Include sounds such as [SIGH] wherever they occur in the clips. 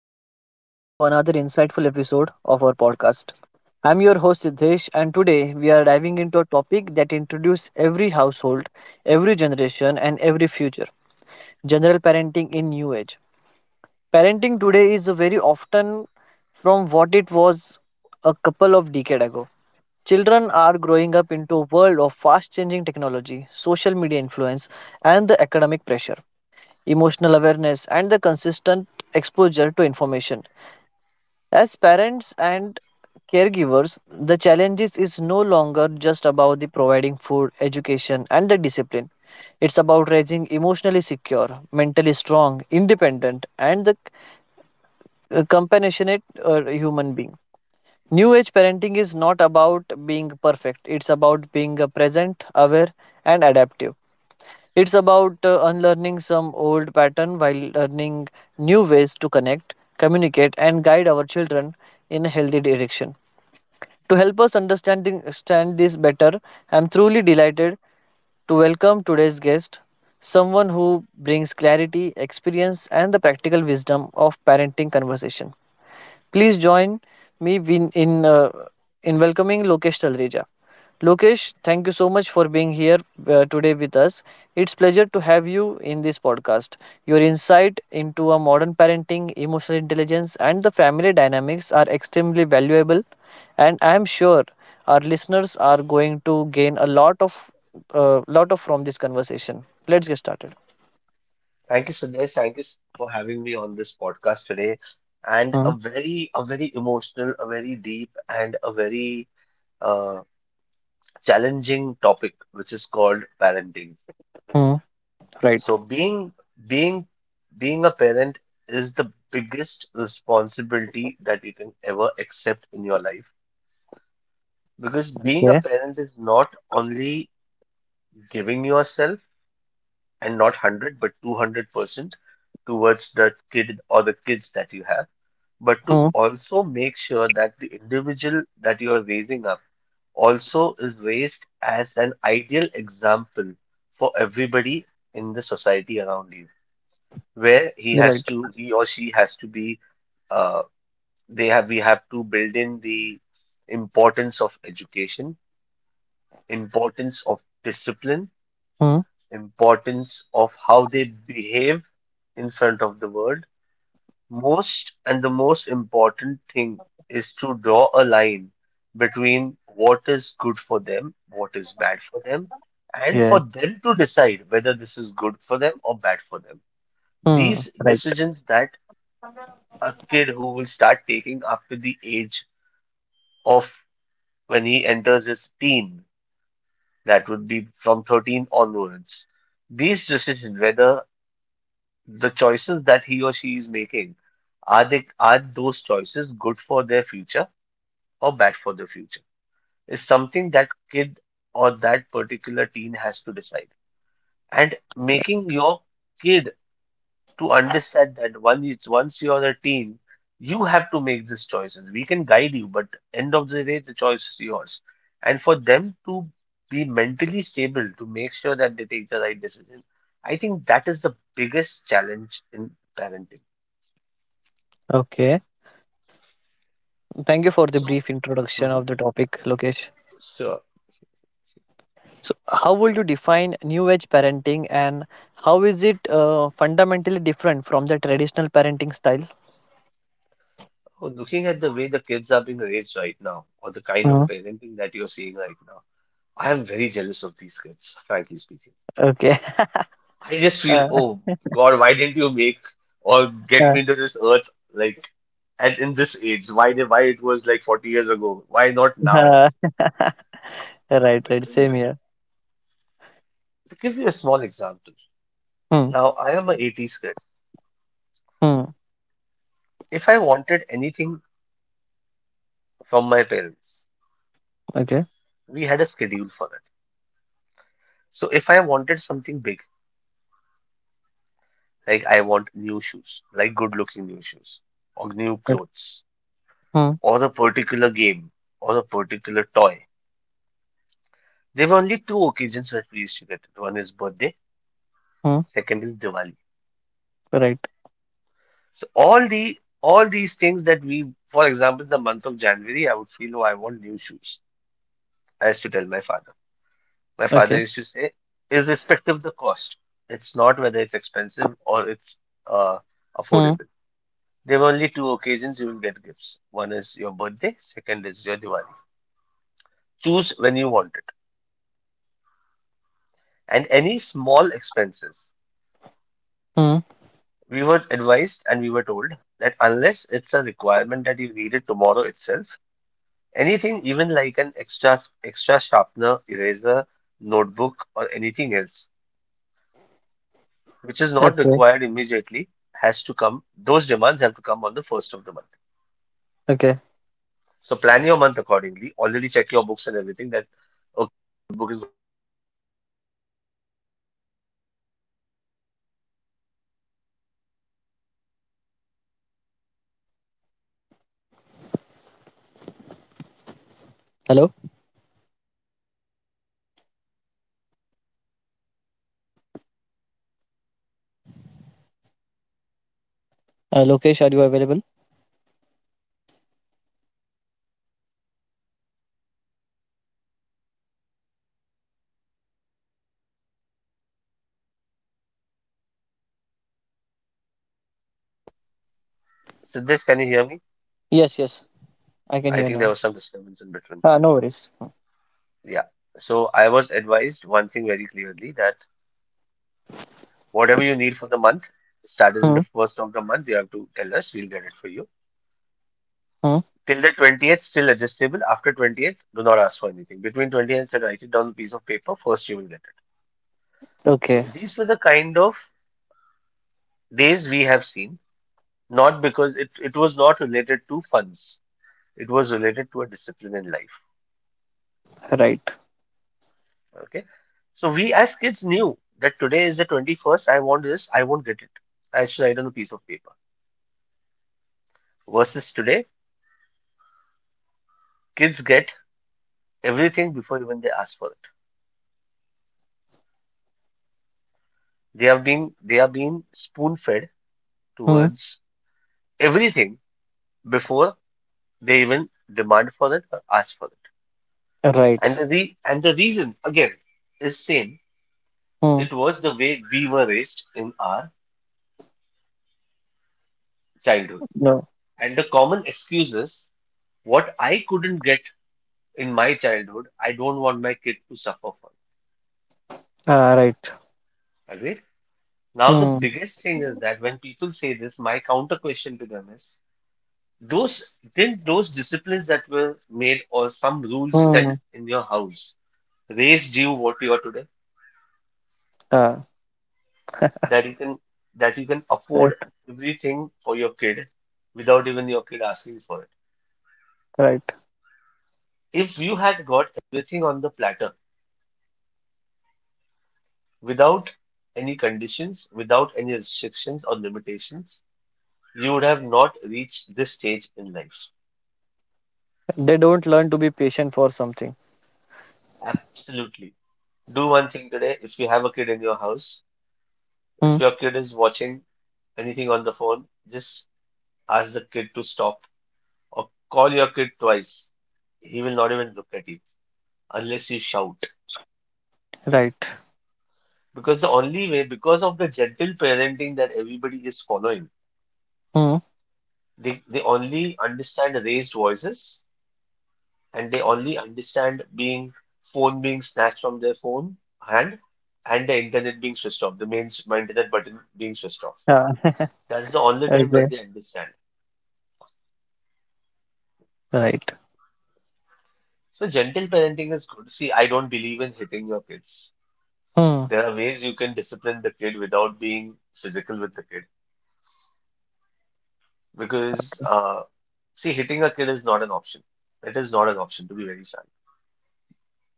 everyone, and welcome to another insightful episode of our podcast. I'm your host Siddhesh, and today we are diving into a topic that introduces every household, every generation, and every future general parenting in new age. Parenting today is very often from what it was a couple of decades ago. Children are growing up into a world of fast changing technology, social media influence, and the academic pressure emotional awareness, and the consistent exposure to information. As parents and caregivers, the challenges is no longer just about the providing food, education, and the discipline. It's about raising emotionally secure, mentally strong, independent, and the compassionate human being. New age parenting is not about being perfect. It's about being present, aware, and adaptive. It's about unlearning some old pattern while learning new ways to connect, communicate, and guide our children in a healthy direction. To help us understand understand this better, I'm truly delighted to welcome today's guest, someone who brings clarity, experience, and the practical wisdom of parenting conversation. Please join me in welcoming Lokesh Talreja. Lokesh, thank you so much for being here today with us. It's pleasure to have you in this podcast. Your insight into a modern parenting, emotional intelligence and the family dynamics are extremely valuable and I am sure our listeners are going to gain a lot of from this conversation. Let's get started. Thank you, Sandesh. Thank you for having me on this podcast today. And Hmm. A very emotional, a very deep, and a very uh, challenging topic, which is called parenting. Hmm. Right. So being, being a parent is the biggest responsibility that you can ever accept in your life. Because being a Yeah. parent is not only giving yourself and not 100, but 200% towards the kid or the kids that you have, but to Hmm. also make sure that the individual that you are raising up also is raised as an ideal example for everybody in the society around you, where he Right. has to, he or she has to be, uh, they have, we have to build in the importance of education, importance of discipline, Hmm. importance of how they behave in front of the world. Most and the most important thing is to draw a line between what is good for them, what is bad for them, and Yeah. for them to decide whether this is good for them or bad for them. Hmm. These Right. decisions that a kid who will start taking after the age of when he enters his teen, that would be from 13 onwards, these decisions, whether the choices that he or she is making, are they, are those choices good for their future or bad for the future is something that kid or that particular teen has to decide. And making your kid to understand that once it's once you're a teen, you have to make these choices. We can guide you, but end of the day, the choice is yours. And for them to be mentally stable to make sure that they take the right decision, I think that is the biggest challenge in parenting. Okay. Thank you for the So, brief introduction mhm, of the topic, Lokesh. sure. So, how would you define new age parenting and how is it fundamentally different from the traditional parenting style? Oh, looking at the way the kids are being raised right now, or the kind of Hmm, parenting that you're seeing right now, I am very jealous of these kids, frankly speaking. okay. [LAUGHS] I just feel, Uh, oh God, why didn't you make or get uh, me into this earth like at in this age? Why it was like 40 years ago? Why not now? uh, [LAUGHS] right, right. Same Because here. to give you a small example, Hmm, now I am an 80s kid. hmm, If I wanted anything from my parents, okay. we had a schedule for it. So if I wanted something big, like I want new shoes, like good looking new shoes, or new Ok, clothes, hmm, or a particular game, or a particular toy. There were only two occasions where we used to get it. One is birthday, hmm, second is Diwali. right. So all these things that we, for example, the month of January, I would feel, oh, I want new shoes. I used to tell my father. My father Okay. used to say, irrespective of the cost, it's not whether it's expensive or it's uh, Hmm, affordable. There are only two occasions you will get gifts. One is your birthday, second is your Diwali. Choose when you want it. And any small expenses, hmm, we were advised and we were told that unless it's a requirement that you need it tomorrow itself, anything even like an extra sharpener, eraser, notebook, or anything else which is not okay. required immediately has to come. Those demands have to come on the first of the month. Okay. So plan your month accordingly. Already check your books and everything that okay, book is. Hello? Lokesh, are you available? Siddesh, can you hear me? Yes, yes. I can I hear think now. there was disturbance in between. No worries. Yeah. So I was advised one thing very clearly that whatever you need for the month, started in Hmm, the first of the month, you have to tell us, we'll get it for you. hmm, Till the 20th, still adjustable. After 20th, do not ask for anything. Between 20th and 30th, write it down on a piece of paper, first you will get it. So okay. these were the kind of days we have seen, not because it was not related to funds. It was related to a discipline in life. Right. Okay. So we as kids knew that today is the 21st. I want this. I won't get it. I should write on a piece of paper. Versus today, kids get everything before even they ask for it. They have been, they are being spoon fed Hmm, towards everything before they even demand for it or ask for it. right. And the re and the reason again is same. Hmm, It was the way we were raised in our childhood. no. And the common excuses, what I couldn't get in my childhood, I don't want my kid to suffer for Right. it. Agreed? Now, the Hmm. biggest thing is that when people say this, my counter question to them is, those didn't those disciplines that were made or some rules set in your house raised you what you are today? Uh, That you can that you can right, afford everything for your kid without even your kid asking for it. right. If you had got everything on the platter without any conditions, without any restrictions or limitations, you would have not reached this stage in life. They don't learn to be patient for something. Absolutely. Do one thing today. If you have a kid in your house, Hmm. if your kid is watching anything on the phone, just ask the kid to stop or call your kid twice. He will not even look at you unless you shout. Right. Because the only way, because of the gentle parenting that everybody is following, Hmm. they only understand raised voices and they only understand being phone being snatched from their phone hand and the internet being switched off, the my internet button being switched off. Yeah. [LAUGHS] That's the only time Agree. when they understand. Right. So gentle parenting is good. See, I don't believe in hitting your kids. Hmm. There are ways you can discipline the kid without being physical with the kid because see, hitting a kid is not an option. It is not an option, to be very frank,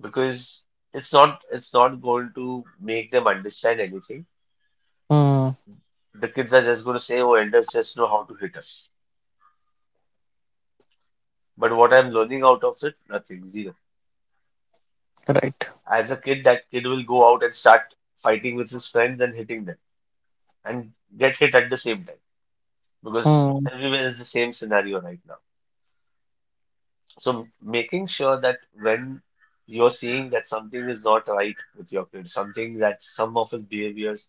because it's not going to make them understand anything. Hmm. The kids are just going to say, oh, elders just know how to hit us. But what I'm learning out of it, nothing, zero. Right. As a kid, that kid will go out and start fighting with his friends and hitting them and get hit at the same time because Hmm. everywhere is the same scenario right now. So making sure that when you're seeing that something is not right with your kid, something that some of his behaviors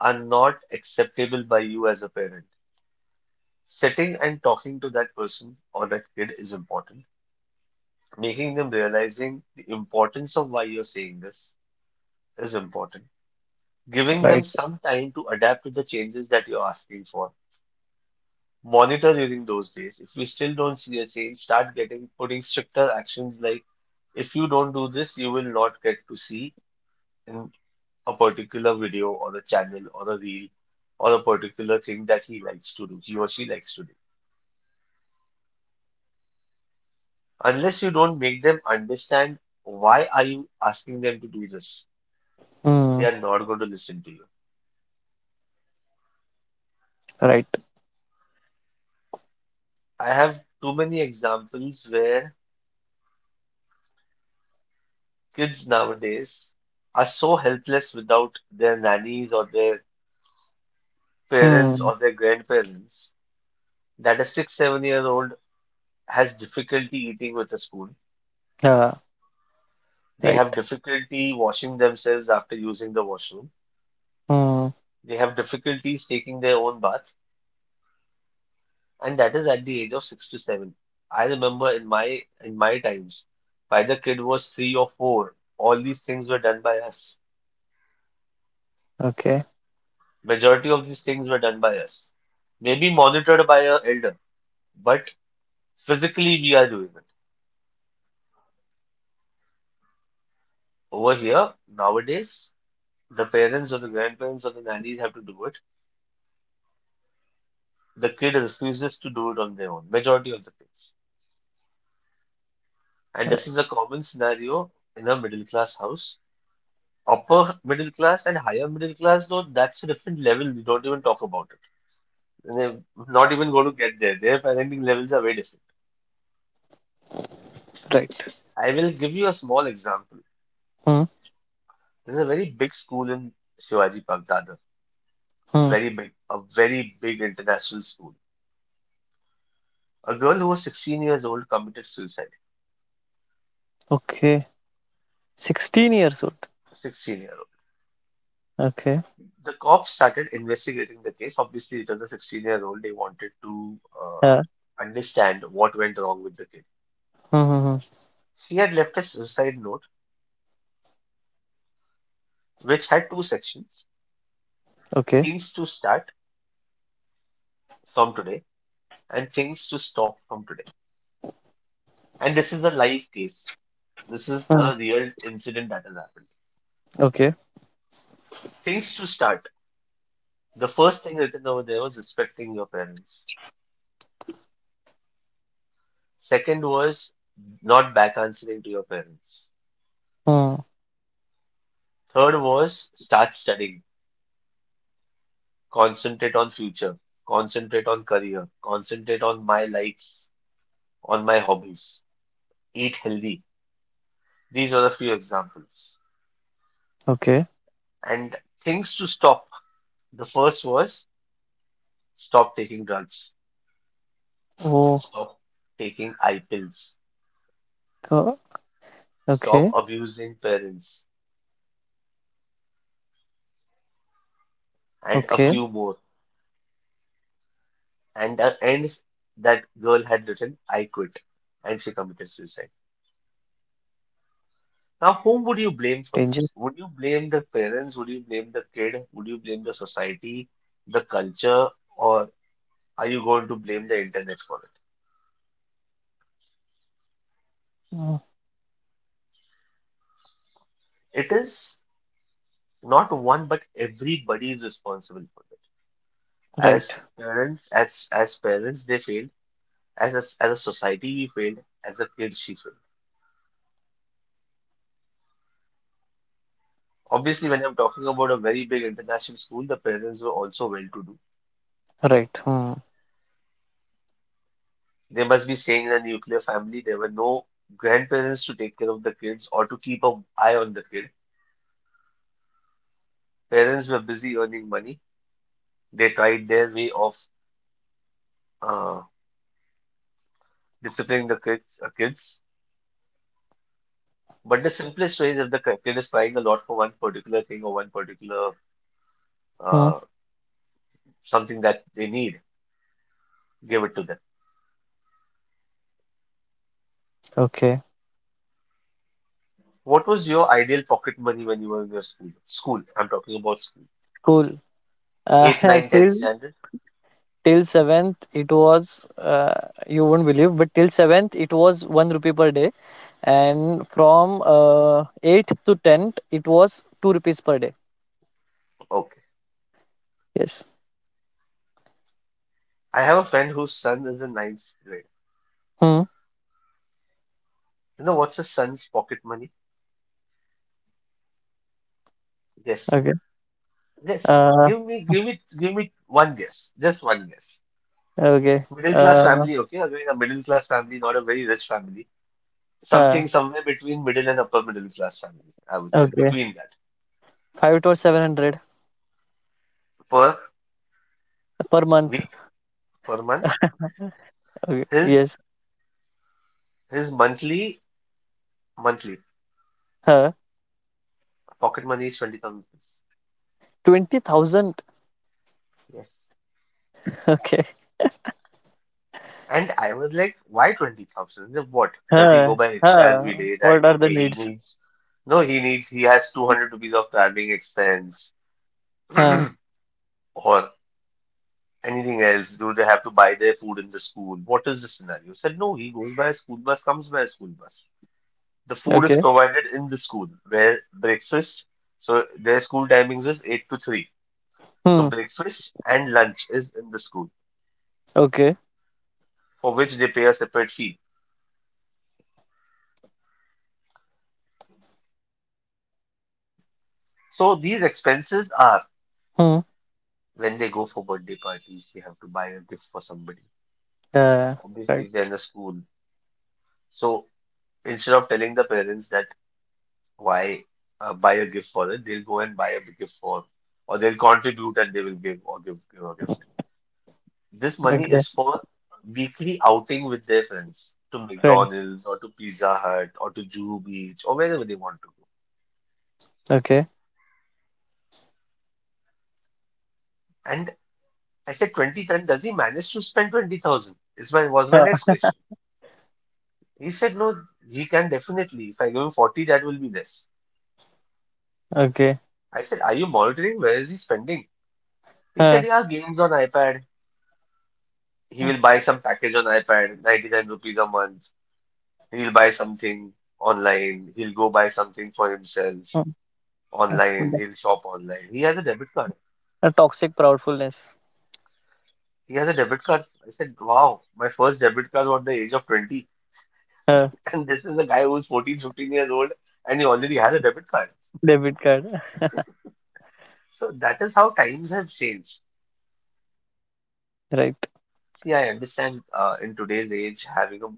are not acceptable by you as a parent, sitting and talking to that person or that kid is important, making them realizing the importance of why you're saying this is important. Giving them Right. some time to adapt to the changes that you're asking for. Monitor during those days. If you still don't see a change, start getting putting stricter actions like if you don't do this, you will not get to see in a particular video or a channel or a reel or a particular thing that he likes to do, he or she likes to do. Unless you don't make them understand why are you asking them to do this, they Hmm. are not going to listen to you. Right. I have too many examples where kids nowadays are so helpless without their nannies or their parents Hmm. or their grandparents that a six, 7-year old has difficulty eating with a spoon. Yeah. They have Right. difficulty washing themselves after using the washroom. Hmm. They have difficulties taking their own bath, and that is at the age of six to seven. I remember in my times, by the kid was three or four, all these things were done by us. Okay. Majority of these things were done by us, maybe monitored by our elder, but physically we are doing it. Over here, nowadays, the parents or the grandparents or the nannies have to do it. The kid refuses to do it on their own, majority of the kids. And this Right. is a common scenario in a middle class house. Upper middle class and higher middle class, though, that's a different level. We don't even talk about it. They're not even going to get there. Their parenting levels are very different. Right. I will give you a small example. Hmm. There's a very big school in Shivaji Park, Dadar. Hmm. Very big, a very big international school. A girl who was 16 years old committed suicide. Okay. 16 years old. 16 year Okay. old. The cops started investigating the case. Obviously, it was a 16-year-old. They wanted to Yeah. understand what went wrong with the kid. Hmm. Hmm, hmm. She had left a suicide note which had two sections, Okay. things to start from today and things to stop from today. And this is a live case. This is Hmm. a real incident that has happened. Okay. Things to start. The first thing written over there was respecting your parents. Second was not back answering to your parents. Hmm. Third was start studying, concentrate on future, concentrate on career, concentrate on my likes, on my hobbies, eat healthy. These were a few examples. Okay. And things to stop. The first was stop taking drugs, Oh. stop taking eye pills, go- stop Okay. abusing parents, and a Okay. few more. And the ends that girl had written, "I quit," and she committed suicide. Now, whom Danger. would you blame for this? Would you blame the parents? Would you blame the kid? Would you blame the society, the culture, or are you going to blame the internet for Hmm. it? It is not one, but everybody is responsible for it. Right. As parents, as parents, they failed. As a society, we failed. As a kid, she failed. Obviously, when I'm talking about a very big international school, the parents were also well-to-do. Right. Hmm. They must be staying in a nuclear family. There were no grandparents to take care of the kids or to keep an eye on the kid. Parents were busy earning money. They tried their way of uh, disciplining the kids. But the simplest way is, if the kid is crying a lot for one particular thing or one particular Hmm, uh, something that they need, give it to them. okay, What was your ideal pocket money when you were in your school? School, I'm talking about school. cool. Uh, 8, nine, [LAUGHS] ten till standard? till seventh, it was you won't believe, but till seventh, it was 1 rupee per day, and from eighth to tenth, it was 2 rupees per day. Okay. Yes. I have a friend whose son is in ninth grade. Hmm. You know what's his son's pocket money? Yes. Okay. Yes. Uh. Give me one guess. Just one guess. Okay. Middle class Uh. family, okay? Again, a middle class family, not a very rich family. Huh. Something somewhere between middle and upper middle class family, I would say. Okay. Between that. Five to seven hundred Per per month. week, per month. Okay. His Yes. his monthly Huh. pocket money is 20,000 rupees. 20,000. [LAUGHS] Yes. Okay. And I was like, why 20,000? What? Does he go Huh. by rickshaw Huh. every day that, What are the okay, he needs? needs, no, he needs, he has 200 rupees of traveling expense. Huh. [CLEARS THROAT] or anything else? Do they have to buy their food in the school? What is the scenario? Said, no, he goes by a school bus, comes by a school bus. The food is Okay. provided in the school where breakfast, so their school timings is 8 to 3. So Hmm. breakfast and lunch is in the school, Okay. for which they pay a separate fee. [CLEARS THROAT] So these expenses are, Hmm. when they go for birthday parties, they have to buy a gift for somebody. Uh. Obviously, Right. if they're in a school. So instead of telling the parents that why buy a gift for it. They'll go and buy a gift for, or they'll contribute and they will give or give a gift. This money Okay. is for weekly outing with their friends to Friends. McDonald's or to Pizza Hut or to Juhu Beach or wherever they want to go. Okay. And I said, 20,000, does he manage to spend 20,000? Is my Was my हाँ। next question. He said, no, he can definitely. If I give him 40, that will be less. Okay. I said, are you monitoring? Where is he spending? He said, हाँ, yeah, games on iPad, he हाँ, will buy some package on iPad, 99 rupees a month. He'll buy something online. He'll go buy something for himself हाँ, हाँ, yeah. online. हाँ. He'll shop online. He has a debit card. A Toxic proudfulness. He has a debit card. I said, wow, my first debit card was at the age of 20. हाँ. [LAUGHS] And this is a guy who's 14, 15 years old, and he already has a debit card. Debit card. So that is how times have changed. Right. See, I understand in today's age,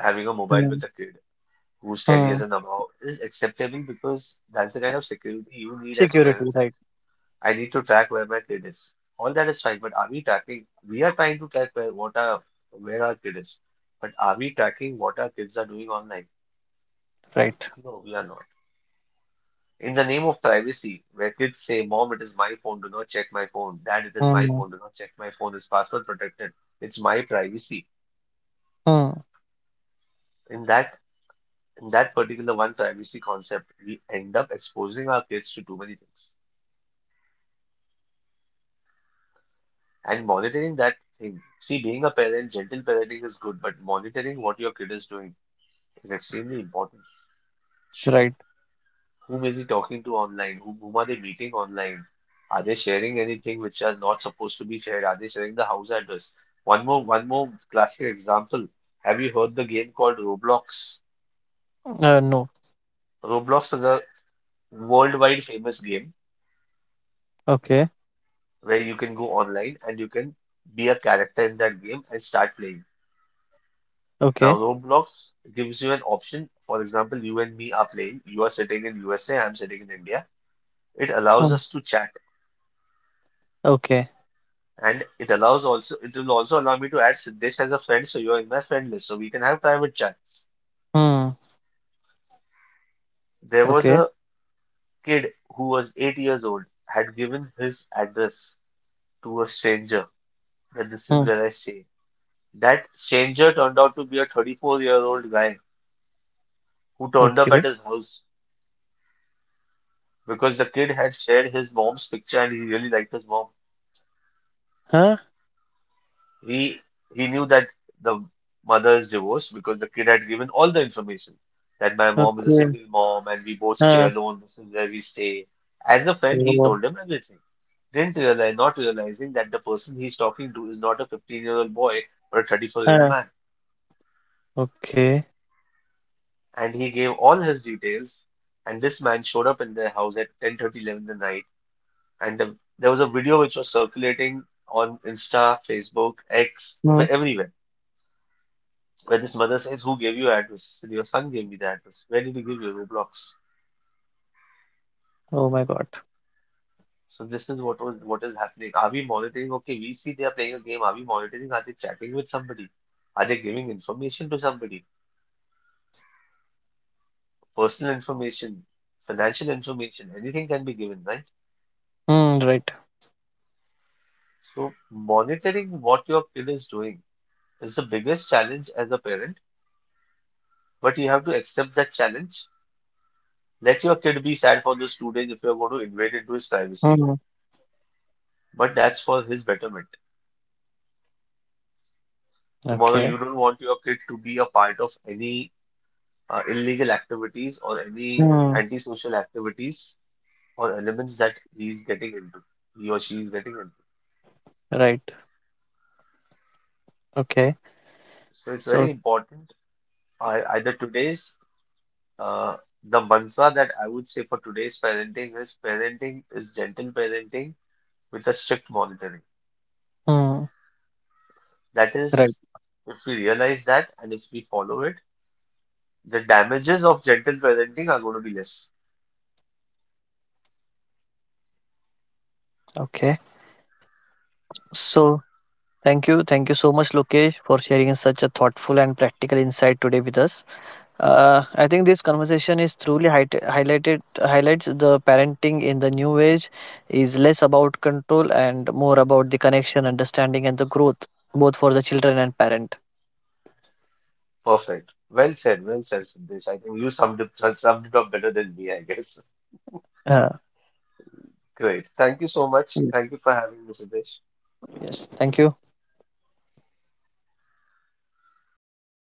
having a mobile Hmm. with a kid who's 10 Hmm. years and above is acceptable, because that's the kind of security you need as Security, parents. right? I need to track where my kid is. All that is fine, but are we tracking? We are trying to track where our kid is, but are we tracking what our kids are doing online? Right. No, we are not. In the name of privacy, where kids say, "Mom, it is my phone. Do not check my phone. Dad, it is my Hmm. phone. Do not check my phone. It's password protected. It's my privacy." Hmm. In that in that particular one privacy concept, we end up exposing our kids to too many things and monitoring that thing. See, being a parent, gentle parenting is good, but monitoring what your kid is doing is extremely important. Right. Whom is he talking to online? Whom are they meeting online? Are they sharing anything which are not supposed to be shared? Are they sharing the house address? One more classic example. Have you heard the game called Roblox? No. Roblox is a worldwide famous game Okay. where you can go online and you can be a character in that game and start playing. Now, Okay. Roblox gives you an option. For example, you and me are playing. You are sitting in USA, I'm sitting in India. It allows Hmm. us to chat. Okay. And it allows also, it will also allow me to add Siddesh as a friend, so you're in my friend list, so we can have private chats. Hmm. There was Okay. a kid who was 8 years old, had given his address to a stranger, that this is Hmm. where I stay. That stranger turned out to be a 34-year-old guy who turned up Okay. at his house because the kid had shared his mom's picture and he really liked his mom. Huh? He he knew that the mother is divorced because the kid had given all the information that my mom is a Okay. single mom and we both stay Huh. alone. This is where we stay. As a friend, he Oh. told him everything. Didn't realize, not realizing that the person he's talking to is not a 15-year-old boy but a 34-year-old uh, man. Okay. And he gave all his details. And this man showed up in their house at 10:30, 11 at night. And there was a video which was circulating on Insta, Facebook, X, Hmm. everywhere, where this mother says, "Who gave you address?" He said, "Your son gave me the address. Where did he give you? Roblox?" Oh my God. So this is what was what is happening. Are we monitoring? Okay, we see they are playing a game. Are we monitoring? Are they chatting with somebody? Are they giving information to somebody? Personal information, financial information, anything can be given, right? Hmm. Right. So monitoring what your kid is doing is the biggest challenge as a parent, but you have to accept that challenge. Let your kid be sad for those two days if you're going to invade into his privacy, Hmm. but that's for his betterment. Tomorrow, Okay. you don't want your kid to be a part of any illegal activities or any Hmm. antisocial activities or elements that he's getting into, he or she is getting into. Right. Okay. So it's So. very important. I, either Today's uh, the mantra that I would say for today's parenting is, parenting is gentle parenting with a strict monitoring. Hmm. That Right. is, if we realize that and if we follow it, the damages of gentle parenting are going to be less. Okay. So thank you. Thank you so much, Lokesh, for sharing such a thoughtful and practical insight today with us. I think this conversation is truly hi- highlighted highlights the parenting in the new age is less about control and more about the connection, understanding, and the growth, both for the children and parent. Perfect. Well said. Well said, Sandesh. I think you summed it, [LAUGHS] summed it up better than me, I guess. Uh, Great. Thank you so much. yes. Thank you for having me, Sandesh. Yes. Thank you.